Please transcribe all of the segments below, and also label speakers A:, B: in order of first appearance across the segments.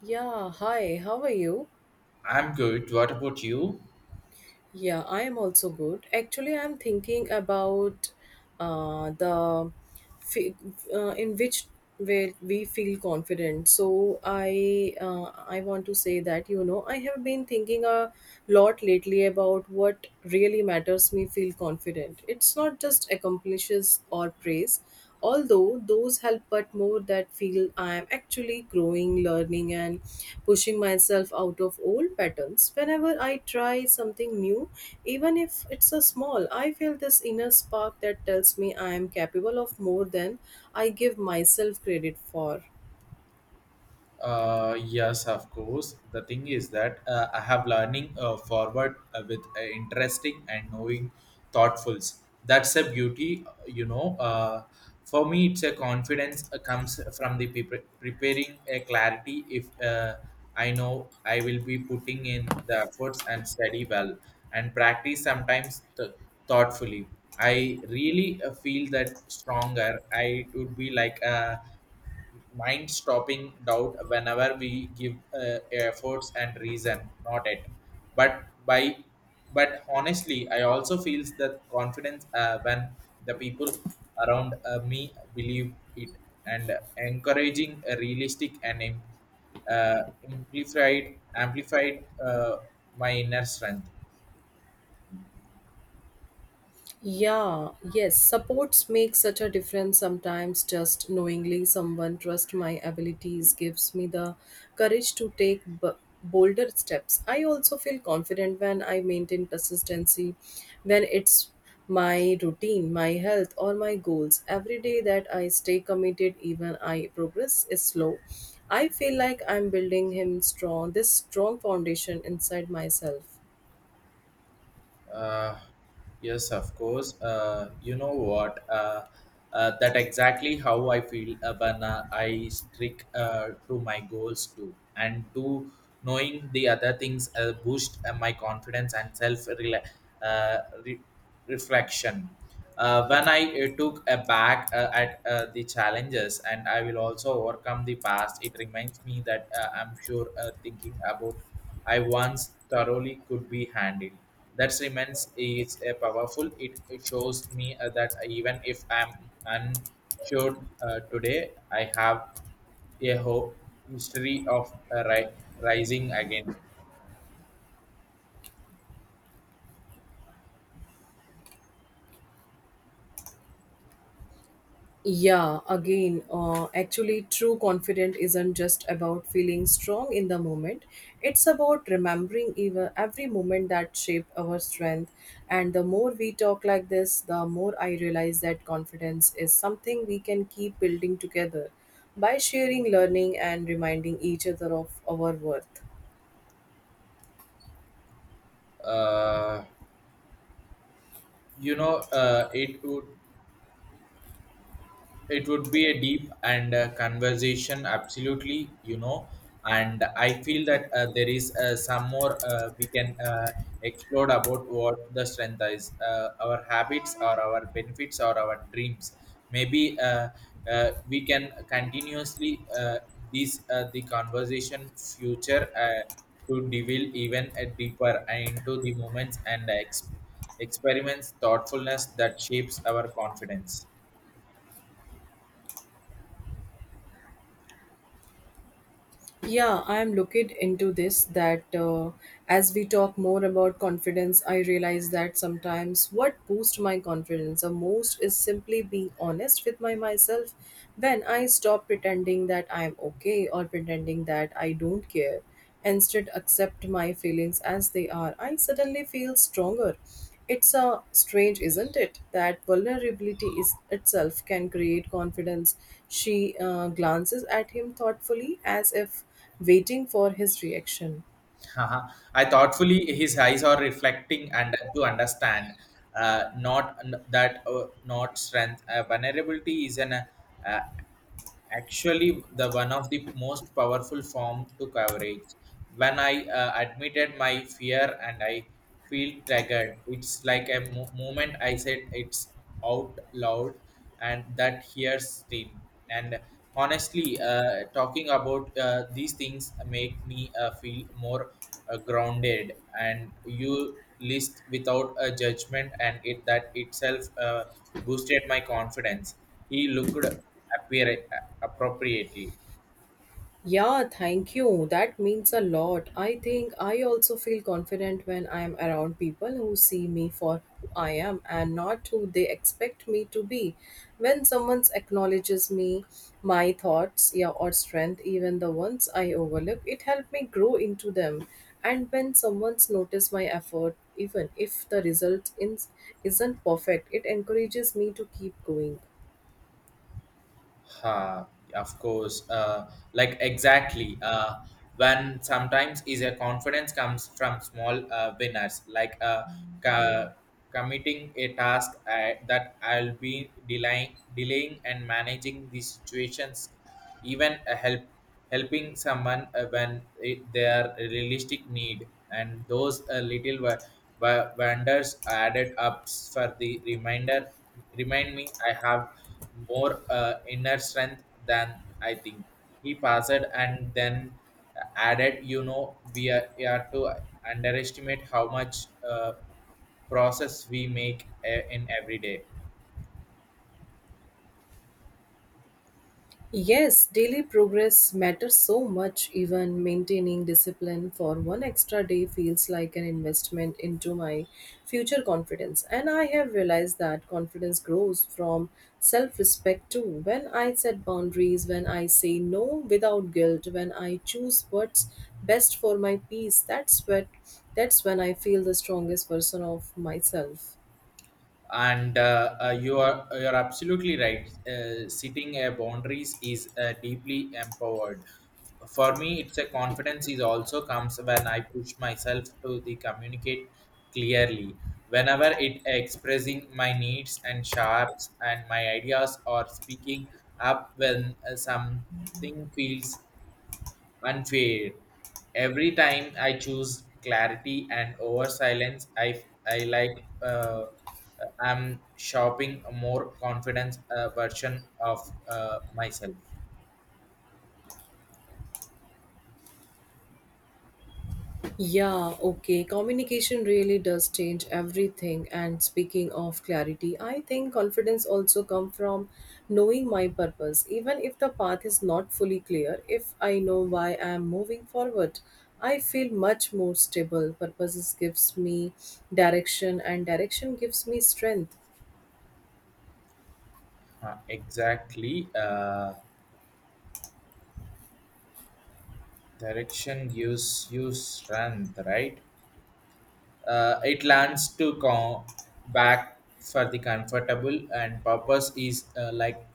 A: Yeah, hi, how are you?
B: I'm good. What about you?
A: Yeah, I am also good. Actually, I'm thinking about the fe- in which way we feel confident. So I want to say that you know I have been thinking a lot lately about what really matters me feel confident. It's not just accomplishes or praise, although those help, but more that feel I am actually growing, learning, and pushing myself out of old patterns. Whenever I try something new, even if it's a small, I feel this inner spark that tells me I am capable of more than I give myself credit for.
B: Yes, of course. The thing is that I have learning forward with interesting and knowing thoughtfuls. That's a beauty, you know. For me, it's a confidence comes from the preparing a clarity. If I know I will be putting in the efforts and study well and practice sometimes thoughtfully. I really feel that stronger. I it would be like a mind stopping doubt whenever we give efforts and reason not it but by but honestly I also feels the confidence when the people around me believe it and encouraging a realistic and uh, amplified amplified uh, my inner strength.
A: Yeah, yes, supports make such a difference sometimes. Just knowingly someone trusts my abilities gives me the courage to take bolder steps. I also feel confident when I maintain consistency, when it's my routine, my health, or my goals. Every day that I stay committed, even I progress is slow. I feel like I'm building him strong, this strong foundation inside myself.
B: Uh, yes, of course. You know what? That exactly how I feel when I stick to my goals too, and to knowing the other things boost my confidence and self reflection. When I took a back at the challenges, and I will also overcome the past. It reminds me that I'm sure thinking about I once thoroughly could be handled that remains is a powerful. It shows me that even if I'm unsure today, I have a hope history of rising again.
A: Yeah, again, actually, true confidence isn't just about feeling strong in the moment. It's about remembering even every moment that shaped our strength. And the more we talk like this, the more I realize that confidence is something we can keep building together by sharing, learning, and reminding each other of our worth.
B: Uh, you know, it would be a deep and conversation absolutely you know and I feel that there is some more we can explore about what the strength is our habits or our benefits or our dreams maybe we can continuously this the conversation future to develop even deeper into the moments and experiments thoughtfulness that shapes our confidence.
A: Yeah, I am looking into this that as we talk more about confidence, I realize that sometimes what boosts my confidence the most is simply being honest with my myself. When I stop pretending that I'm okay or pretending that I don't care, instead accept my feelings as they are, I suddenly feel stronger. It's a strange, isn't it, that vulnerability is itself can create confidence. She glances at him thoughtfully as if waiting for his reaction.
B: Haha. I thoughtfully, his eyes are reflecting and to understand, not n- that not strength. Vulnerability is an actually the one of the most powerful form to coverage when I admitted my fear and I feel triggered it's like a moment I said it's out loud and that hears steam and honestly talking about these things make me feel more grounded and you list without a judgment and it that itself boosted my confidence. He looked appear appropriately.
A: Yeah, thank you. That means a lot. I think I also feel confident when I'm around people who see me for who I am and not who they expect me to be. When someone acknowledges me, my thoughts, yeah, or strength, even the ones I overlook, it helped me grow into them. And when someone's notice my effort, even if the result in, isn't perfect, it encourages me to keep going.
B: Uh, of course, like exactly. When sometimes is a confidence comes from small winners, like ca- committing a task that I'll be delaying and managing the situations, even a help helping someone when it, their realistic need and those little wonders added up for the reminder remind me I have more inner strength than I think. He passed and then added, you know, we are to underestimate how much process we make in every day.
A: Yes, daily progress matters so much. Even maintaining discipline for one extra day feels like an investment into my future confidence. And I have realized that confidence grows from self respect too. When I set boundaries, when I say no without guilt, when I choose what's best for my peace, that's, what, that's when I feel the strongest version of myself.
B: And you're absolutely right setting boundaries is deeply empowered. For me it's a confidence is also comes when I push myself to the communicate clearly whenever it expressing my needs and sharps and my ideas or speaking up when something feels unfair. Every time I choose clarity and over silence, I like I'm shopping a more confidence version of myself.
A: Yeah, okay. Communication really does change everything. And speaking of clarity, I think confidence also come from knowing my purpose. Even if the path is not fully clear, if I know why I am moving forward, I feel much more stable. Purposes gives me direction, and direction gives me strength.
B: Exactly. Direction gives you strength, right? It learns to come back for the comfortable, and purpose is like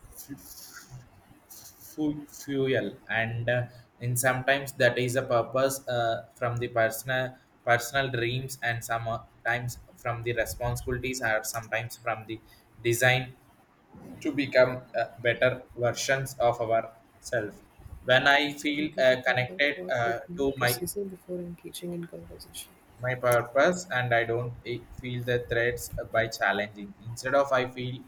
B: fuel and in sometimes that is a purpose from the personal dreams and sometimes from the responsibilities or sometimes from the design to become better versions of ourselves when I feel
A: Complete the proper
B: connected
A: call opening
B: to my
A: procedure before engaging in conversation.
B: my purpose and I don't feel the threats by challenging instead of I feel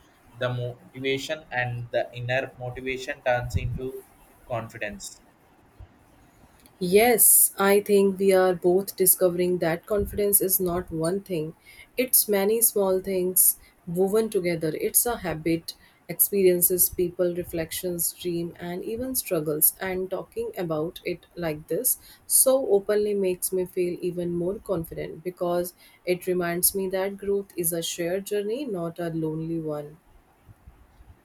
B: the motivation and the inner motivation turns into confidence.
A: Yes, I think we are both discovering that confidence is not one thing. It's many small things woven together. It's a habit, experiences, people, reflections, dream, and even struggles. And talking about it like this so openly makes me feel even more confident because it reminds me that growth is a shared journey, not a lonely one.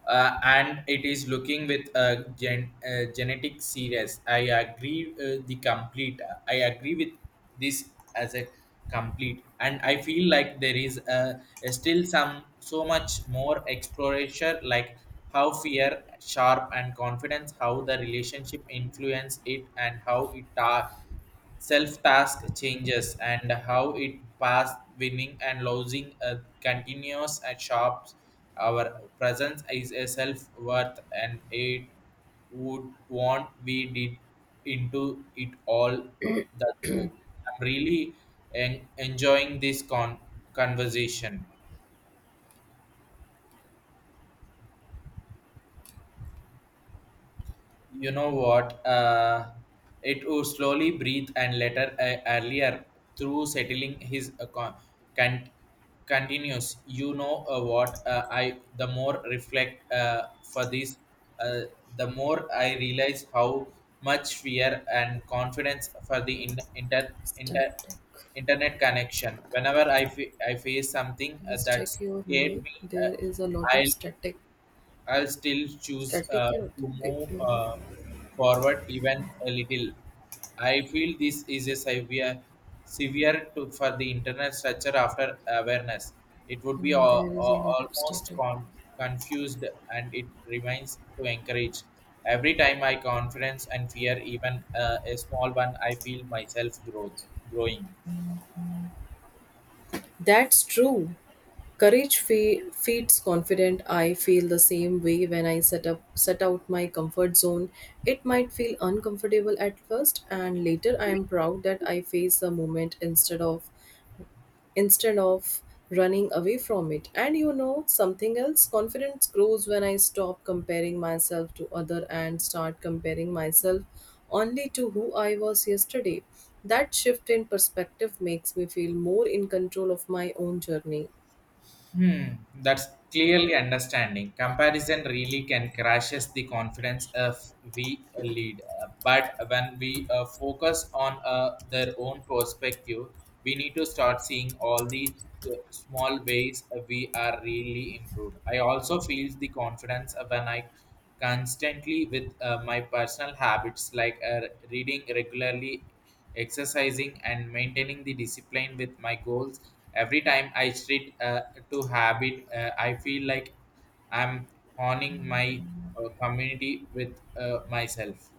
B: And it is looking with a genetic series. I agree the complete. I agree with this as a complete, and I feel like there is still some so much more exploration, like how fear, sharp, and confidence, how the relationship influence it, and how it are self task changes and how it past winning and losing continues at shops our presence is a self worth and it would want we did into it all that too. I'm really enjoying this conversation. You know what it would slowly breathe and later earlier through settling his can- continues you know what I the more reflect for this uh, the more I realize how much fear and confidence for the
A: Static.
B: inter- internet connection whenever I face something
A: Please
B: that
A: check your
B: scared
A: mic.
B: me
A: There is a lot of
B: i I'll still choose
A: static here.
B: to
A: Okay.
B: move forward even a little. I feel this is a severe to, for the internet structure after awareness. It would be
A: Mm, there is a lot of
B: almost
A: startup.
B: confused and it remains to encourage. Every time I confidence and fear even a small one, I feel myself growing.
A: That's true. Courage feeds confident. I feel the same way when I set out my comfort zone. It might feel uncomfortable at first, and later I am proud that I faced the moment instead of running away from it. And you know something else? Confidence grows when I stop comparing myself to other and start comparing myself only to who I was yesterday. That shift in perspective makes me feel more in control of my own journey.
B: Hmm, that's clearly understanding. Comparison really can crashes the confidence if we lead. But when we focus on their own perspective, we need to start seeing all the small ways we are really improved. I also feel the confidence when I constantly with my personal habits like reading regularly exercising and maintaining the discipline with my goals every time I treat to habit I feel like I'm honing my community with myself.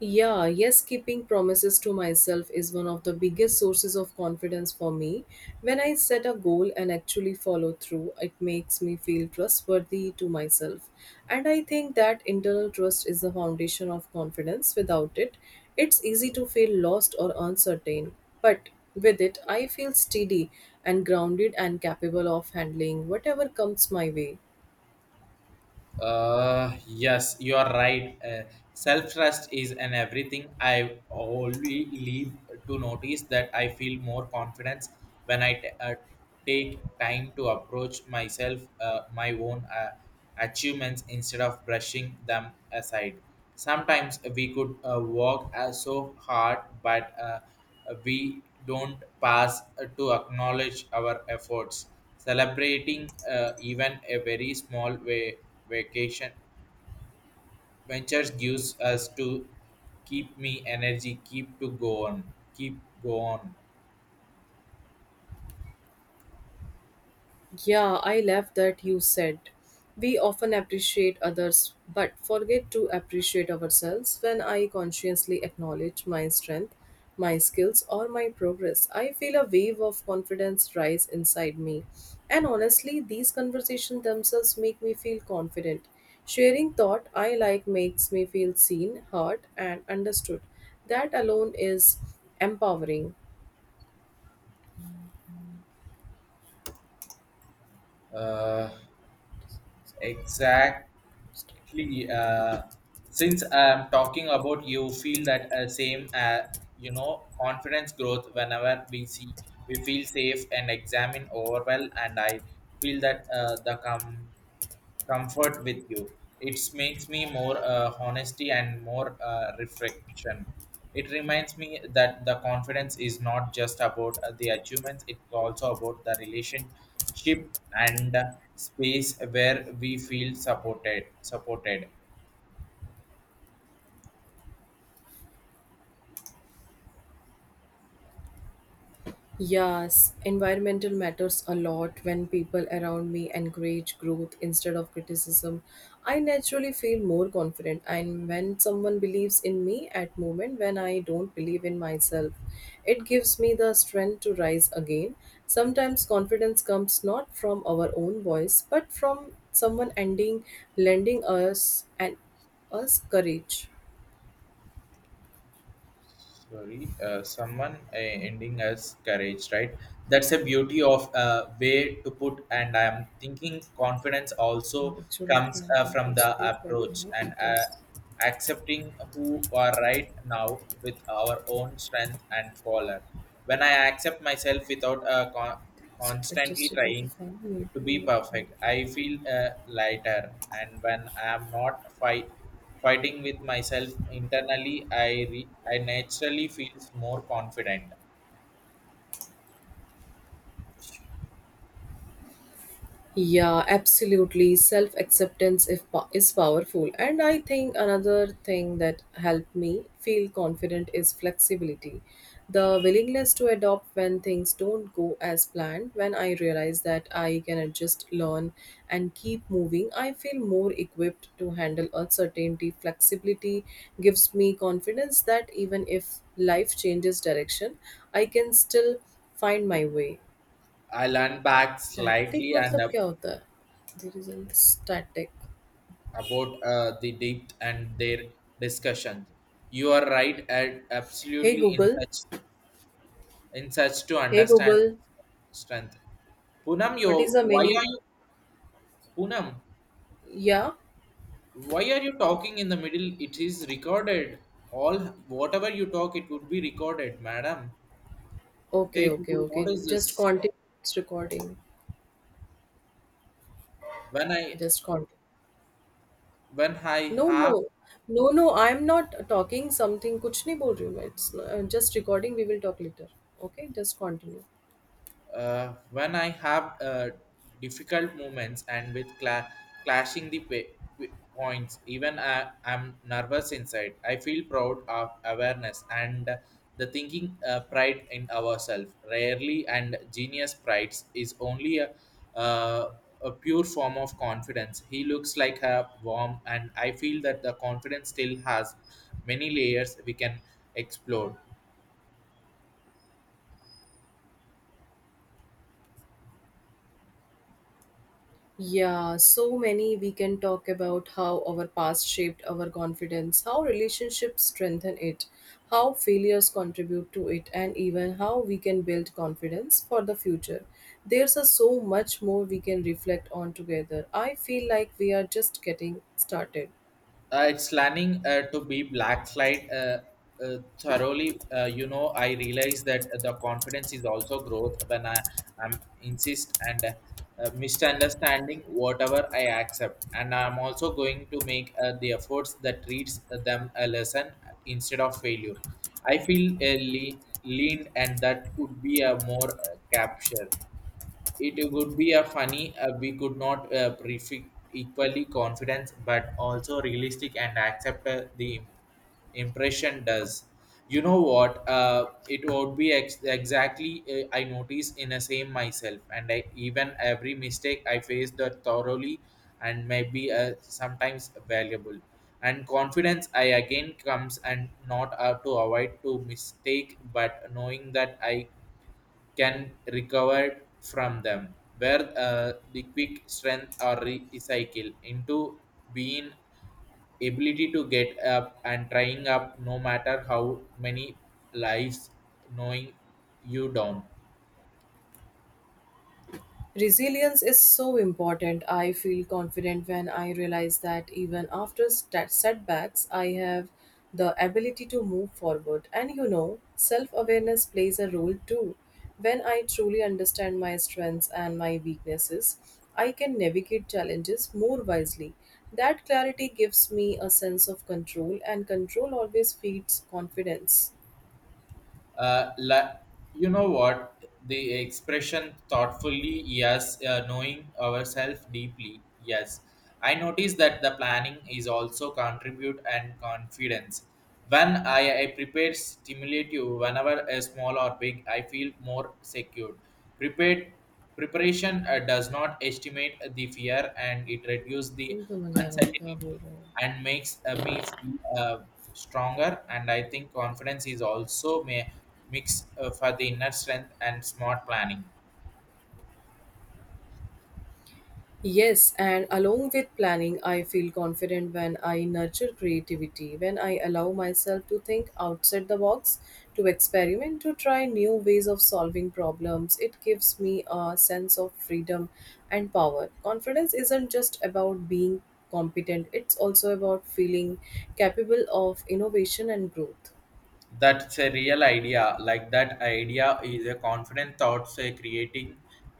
A: Yeah, yes, keeping promises to myself is one of the biggest sources of confidence for me. When I set a goal and actually follow through, it makes me feel trustworthy to myself. And I think that internal trust is the foundation of confidence. Without it, it's easy to feel lost or uncertain. But with it, I feel steady and grounded and capable of handling whatever comes my way.
B: Yes, you are right, self trust is an everything I only leave to notice that I feel more confidence when I take time to approach myself, my own achievements instead of brushing them aside. Sometimes we could work so hard, but we don't pass to acknowledge our efforts. Celebrating even a very small way vacation ventures gives us to keep me energy, keep to go on, keep go on.
A: Yeah, I love that you said. We often appreciate others but forget to appreciate ourselves. When I consciously acknowledge my strength, my skills, or my progress, I feel a wave of confidence rise inside me. And honestly, these conversations themselves make me feel confident. Sharing thought I like makes me feel seen, heard, and understood. That alone is empowering.
B: Uh, exact Actually, since I'm talking about you, feel that same, you know, confidence growth whenever we see, we feel safe and examine overwhelm, and I feel that the comfort with you. It makes me more honesty and more reflection. It reminds me that the confidence is not just about the achievements; it's also about the relationship and space where we feel supported.
A: Yes, environmental matters a lot when people around me encourage growth instead of criticism. I naturally feel more confident, and when someone believes in me at moment when I don't believe in myself, it gives me the strength to rise again. Sometimes confidence comes not from our own voice but from someone ending lending us and us courage.
B: Sorry, someone ending as courage right? That's a beauty of way to put and I am thinking confidence also
A: Actually, if I
B: comes
A: am
B: from
A: full
B: the
A: speed right
B: approach
A: now,
B: and
A: it is.
B: accepting who are right now with our own strength and faller. When I accept myself without
A: Is it
B: constantly
A: adjusted to
B: trying
A: of. Maybe
B: to be
A: not. Only.
B: perfect, I feel lighter, and when I am not fighting with myself internally, I naturally feels more confident.
A: Yeah, absolutely. Self acceptance if po- is powerful, and I think another thing that helped me feel confident is flexibility, the willingness to adopt when things don't go as planned. When I realize that I can adjust, learn, and keep moving, I feel more equipped to handle uncertainty. Flexibility gives me confidence that even if life changes direction, I can still find my way.
B: I learn back
A: Static.
B: slightly and
A: मतलब क्या होता है? The result. Static.
B: about the depth and their discussion. You are right, at
A: Hey
B: absolutely
A: Google.
B: in such to
A: Hey
B: understand
A: Google.
B: strength. Punam,
A: But is
B: yo,
A: the
B: why
A: meaning?
B: are you Punam?
A: Yeah.
B: Why are you talking in the middle? It is recorded. All, whatever you talk it would be recorded, madam. Hey
A: Okay. Okay.
B: Google, what
A: Okay.
B: is
A: Just
B: this?
A: continue. It's recording.
B: When I
A: Just continue.
B: when i
A: No.
B: have
A: No. No. No. I am not talking something. कुछ नहीं बोल रही हूँ मैं. It's just recording. We will talk later. Okay. Just continue.
B: when I have difficult moments and with clashing the points, I'm nervous inside. I feel proud of awareness and the thinking pride in ourselves. Rarely and genius pride is only uh, a pure form of confidence. He looks like a worm, and I feel that the confidence still has many layers we can explore.
A: Yeah, so many we can talk about how our past shaped our confidence, how relationships strengthen it, how failures contribute to it, and even how we can build confidence for the future. There's a so much more we can reflect on together. I feel like we are just getting started.
B: It's planning to be black flight thoroughly. You know, I realize that the confidence is also growth when I am insist and misunderstanding whatever I accept and I'm also going to make the efforts that treats them a lesson instead of failure. I feel leaned and that could be a more capture. It would be a funny we could not prefix equally confidence but also realistic and accept the impression does. You know what it would be ex- exactly I notice in a same myself, and even every mistake I faced that thoroughly and maybe sometimes valuable and confidence I again comes and not to avoid to mistake but knowing that I can recover from them, where the quick strength or recycle into being ability to get up and trying up no matter how many lives knowing you down.
A: Resilience is so important. I feel confident when I realize that even after setbacks, I have the ability to move forward. And you know, self awareness plays a role too. When I truly understand my strengths and my weaknesses, I can navigate challenges more wisely. That clarity gives me a sense of control, and control always feeds confidence.
B: uh, la- you know what? The expression thoughtfully, yes. Knowing ourselves deeply, yes. I notice that the planning is also contribute and confidence when I prepare stimulate you whenever a small or big I feel more secure, prepared. Preparation does not estimate the fear and it reduces the
A: तुम समझ आ रहा हो क्या
B: uncertainty
A: बोल रहे हो?
B: and makes me feel stronger, and I think confidence is also may mix for the inner strength and smart planning.
A: Yes, and along with planning, I feel confident when I nurture creativity, when I allow myself to think outside the box, to experiment, to try new ways of solving problems. It gives me a sense of freedom and power. Confidence isn't just about being competent, it's also about feeling capable of innovation and growth.
B: That's a real idea. Like that idea is a confident thoughts creating.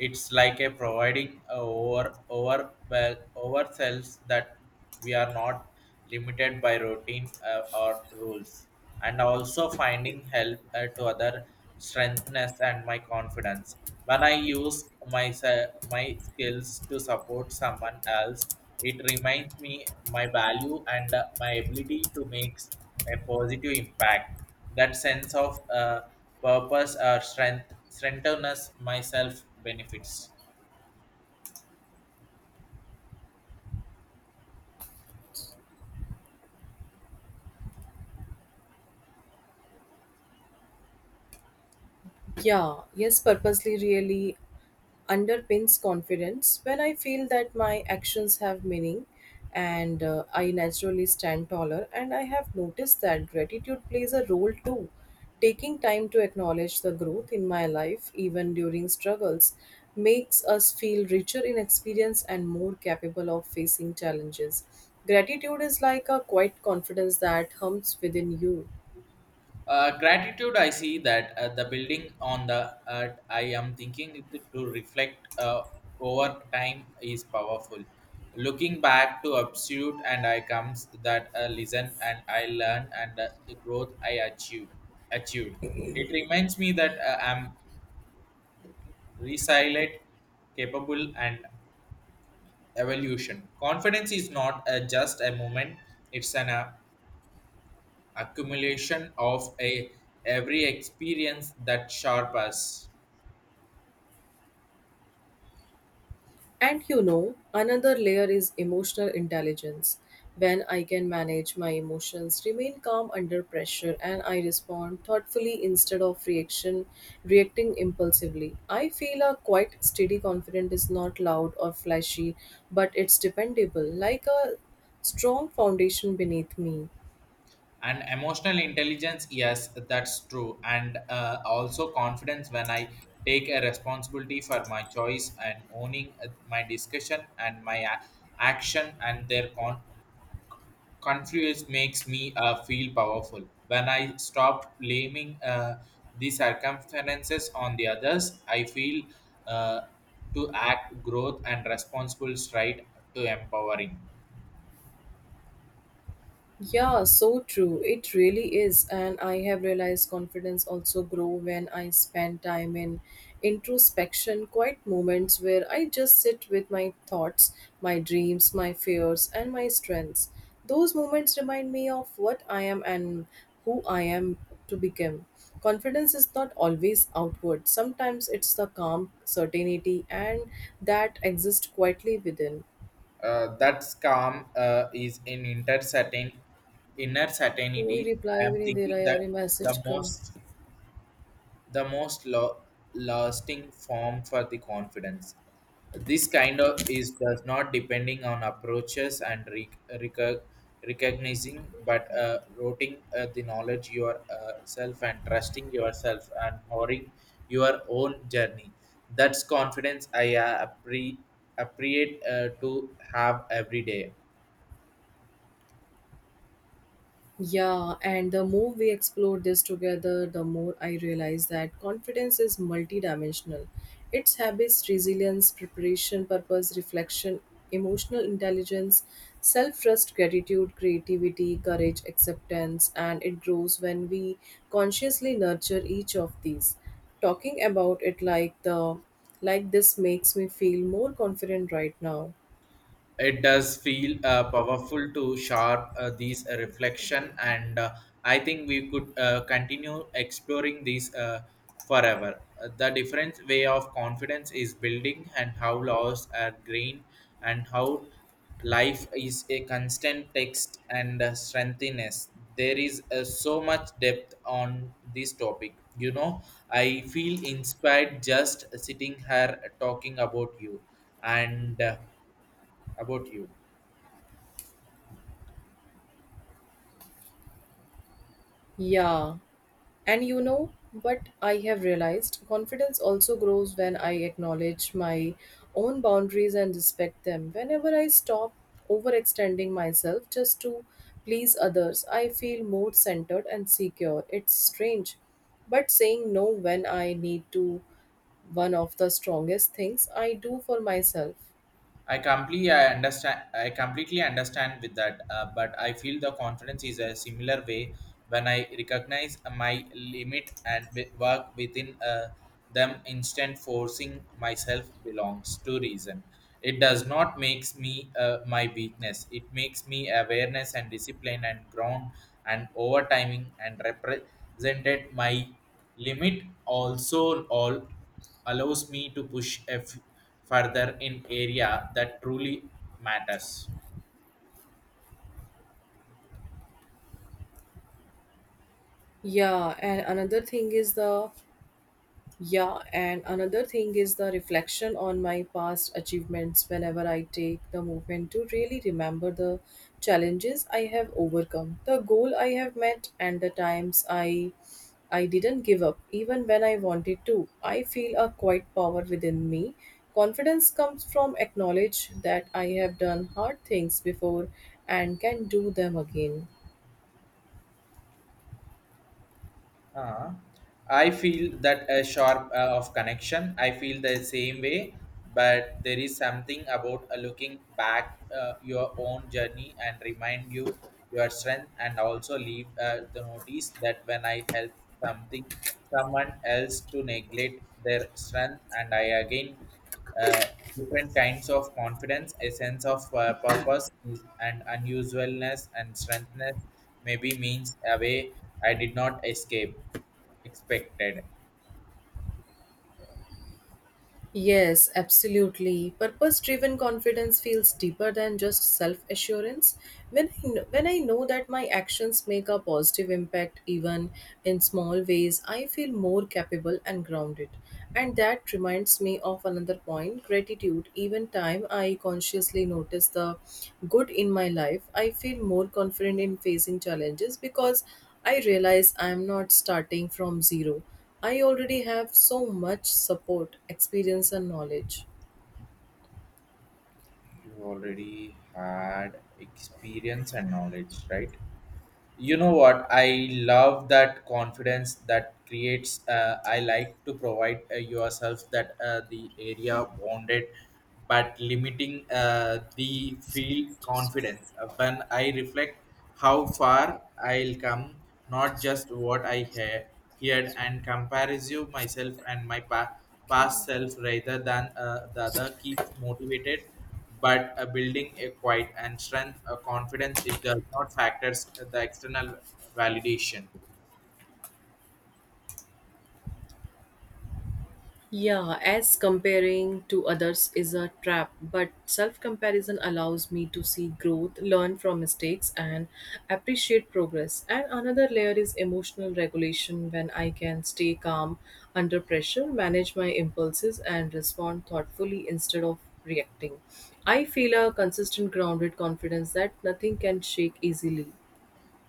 B: It's like a providing uh, over well ourselves that we are not limited by routine or rules, and also finding help to other strengthness and my confidence when I use my skills to support someone else. It reminds me my value and my ability to make a positive impact. That sense of purpose or strength strengthenness myself benefits.
A: Yeah, yes, purposely, really underpins confidence. When I feel that my actions have meaning and I naturally stand taller, and I have noticed that gratitude plays a role too. Taking time to acknowledge the growth in my life, even during struggles, makes us feel richer in experience and more capable of facing challenges. Gratitude is like a quiet confidence that hums within you.
B: Uh, gratitude I see that the building on the earth I am thinking it to reflect over time is powerful. Looking back to absolute and I comes that listen and I learn, and the growth I achieve achieved, it reminds me that I'm resilient, capable, and evolution. Confidence is not a, just a moment. It's an accumulation of a every experience that sharp us.
A: And you know, another layer is emotional intelligence. When I can manage my emotions, remain calm under pressure, and I respond thoughtfully instead of reaction reacting impulsively. I feel a quite steady confidence is not loud or flashy, but it's dependable, like a strong foundation beneath me.
B: And emotional intelligence, yes, that's true. And also confidence when I take a responsibility for my choice and owning my discussion and action and their consequences confused makes me feel powerful. When I stop blaming the circumstances on the others, I feel uh, to act growth and responsible stride to empowering.
A: Yeah, so true. It really is. And I have realized confidence also grow when I spend time in introspection, quiet moments where I just sit with my thoughts, my dreams, my fears, and my strengths. Those moments remind me of what I am and who I am to become. Confidence is not always outward. Sometimes it's the calm certainty and that exists quietly within.
B: That's calm is in inner certain inner
A: कोई
B: certainty.
A: reply
B: I am
A: भी नहीं दे रहा
B: thinking
A: यार
B: that
A: ये message
B: the
A: का.
B: most the most lasting form for the confidence. This kind of is does not depending on approaches and recognizing, but routing the knowledge yourself and trusting yourself and honoring your own journey. That's confidence I appreciate to have every day.
A: Yeah, and the more we explore this together, the more I realize that confidence is multidimensional. It's habits, resilience, preparation, purpose, reflection, emotional intelligence, self trust, gratitude, creativity, courage, acceptance, and it grows when we consciously nurture each of these. Talking about it like this makes me feel more confident right now.
B: It does feel powerful to sharp these reflection, and I think we could continue exploring these forever. The different way of confidence is building and how laws are green, and how life is a constant text and strengthiness. There is so much depth on this topic, you know. I feel inspired just sitting here talking about you, and about you.
A: Yeah. And you know what I have realized? Confidence also grows when I acknowledge my own boundaries and respect them. Whenever I stop overextending myself just to please others, I feel more centered and secure. It's strange, but saying no when I need to one of the strongest things I do for myself.
B: I understand. I completely understand with that. But I feel the confidence is a similar way when I recognize my limit and work within them. Instant forcing myself belongs to reason. It does not makes me my weakness. It makes me awareness and discipline and ground and overtiming and represented my limit. Also allows me to push further in area that truly matters.
A: Yeah, and another thing is the Yeah, and another thing is the reflection on my past achievements. Whenever I take the moment to really remember the challenges I have overcome, the goal I have met, and the times I didn't give up even when I wanted to, I feel a quiet power within me. Confidence comes from acknowledge that I have done hard things before and can do them again.
B: uh I feel that a sharp of connection. I feel the same way, but there is something about looking back your own journey and remind you your strength, and also leave the notice that when I help something someone else to neglect their strength, and I again uh, different kinds of confidence, a sense of purpose is, and unusualness and strengthness, maybe means a way I did not escape expected.
A: Yes, absolutely. Purpose driven confidence feels deeper than just self assurance. When when I know that my actions make a positive impact, even in small ways, I feel more capable and grounded. And that reminds me of another point, gratitude. Even time I consciously notice the good in my life, I feel more confident in facing challenges because I realize I am not starting from zero. I already have so much support, experience, and knowledge.
B: You already had experience and knowledge, right? You know what, I love that confidence that creates. I like to provide yourself that the area bonded but limiting the feel confidence. When I reflect how far I'll come, not just what I hear heard, and compares you myself and past self rather than the other, keeps motivated, but building a quiet and strength a confidence. It does not factors the external validation.
A: Yeah, as comparing to others is a trap, but self comparison allows me to see growth, learn from mistakes, and appreciate progress. And another layer is emotional regulation when I can stay calm under pressure, manage my impulses, and respond thoughtfully instead of reacting. I feel a consistent, grounded confidence that nothing can shake easily.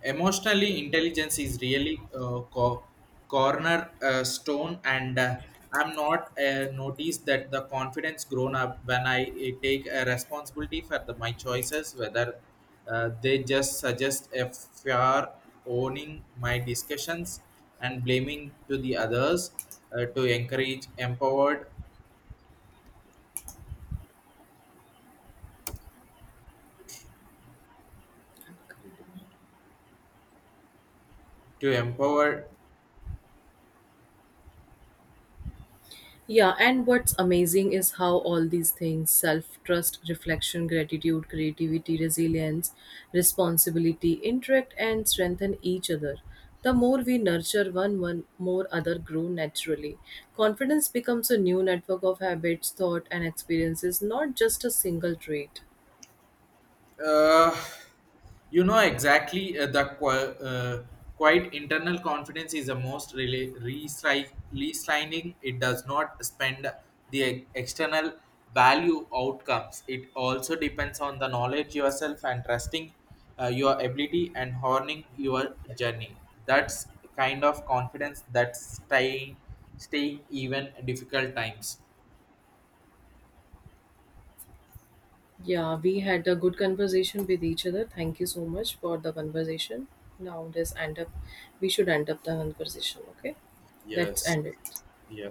B: Emotionally intelligence is really corner stone. And I'm not noticed that the confidence grown up when I take a responsibility for the, my choices, whether they just suggest a fair, owning my discussions and blaming to the others to encourage empowered. Wait a minute. To empower.
A: Yeah, and what's amazing is how all these things, self trust, reflection, gratitude, creativity, resilience, responsibility, interact and strengthen each other. The more we nurture one, one more other grow naturally. Confidence becomes a new network of habits, thought, and experiences, not just a single trait.
B: uh, you know exactly quite internal confidence is the most really resigning. It does not spend the external value outcomes. It also depends on the knowledge yourself and trusting your ability and honing your journey. That's kind of confidence that's staying even difficult times.
A: Yeah, we had a good conversation with each other. Thank you so much for the conversation. Now, let's end up. We should end up the conversation. Okay, let's
B: Yes.
A: end it.
B: Yeah.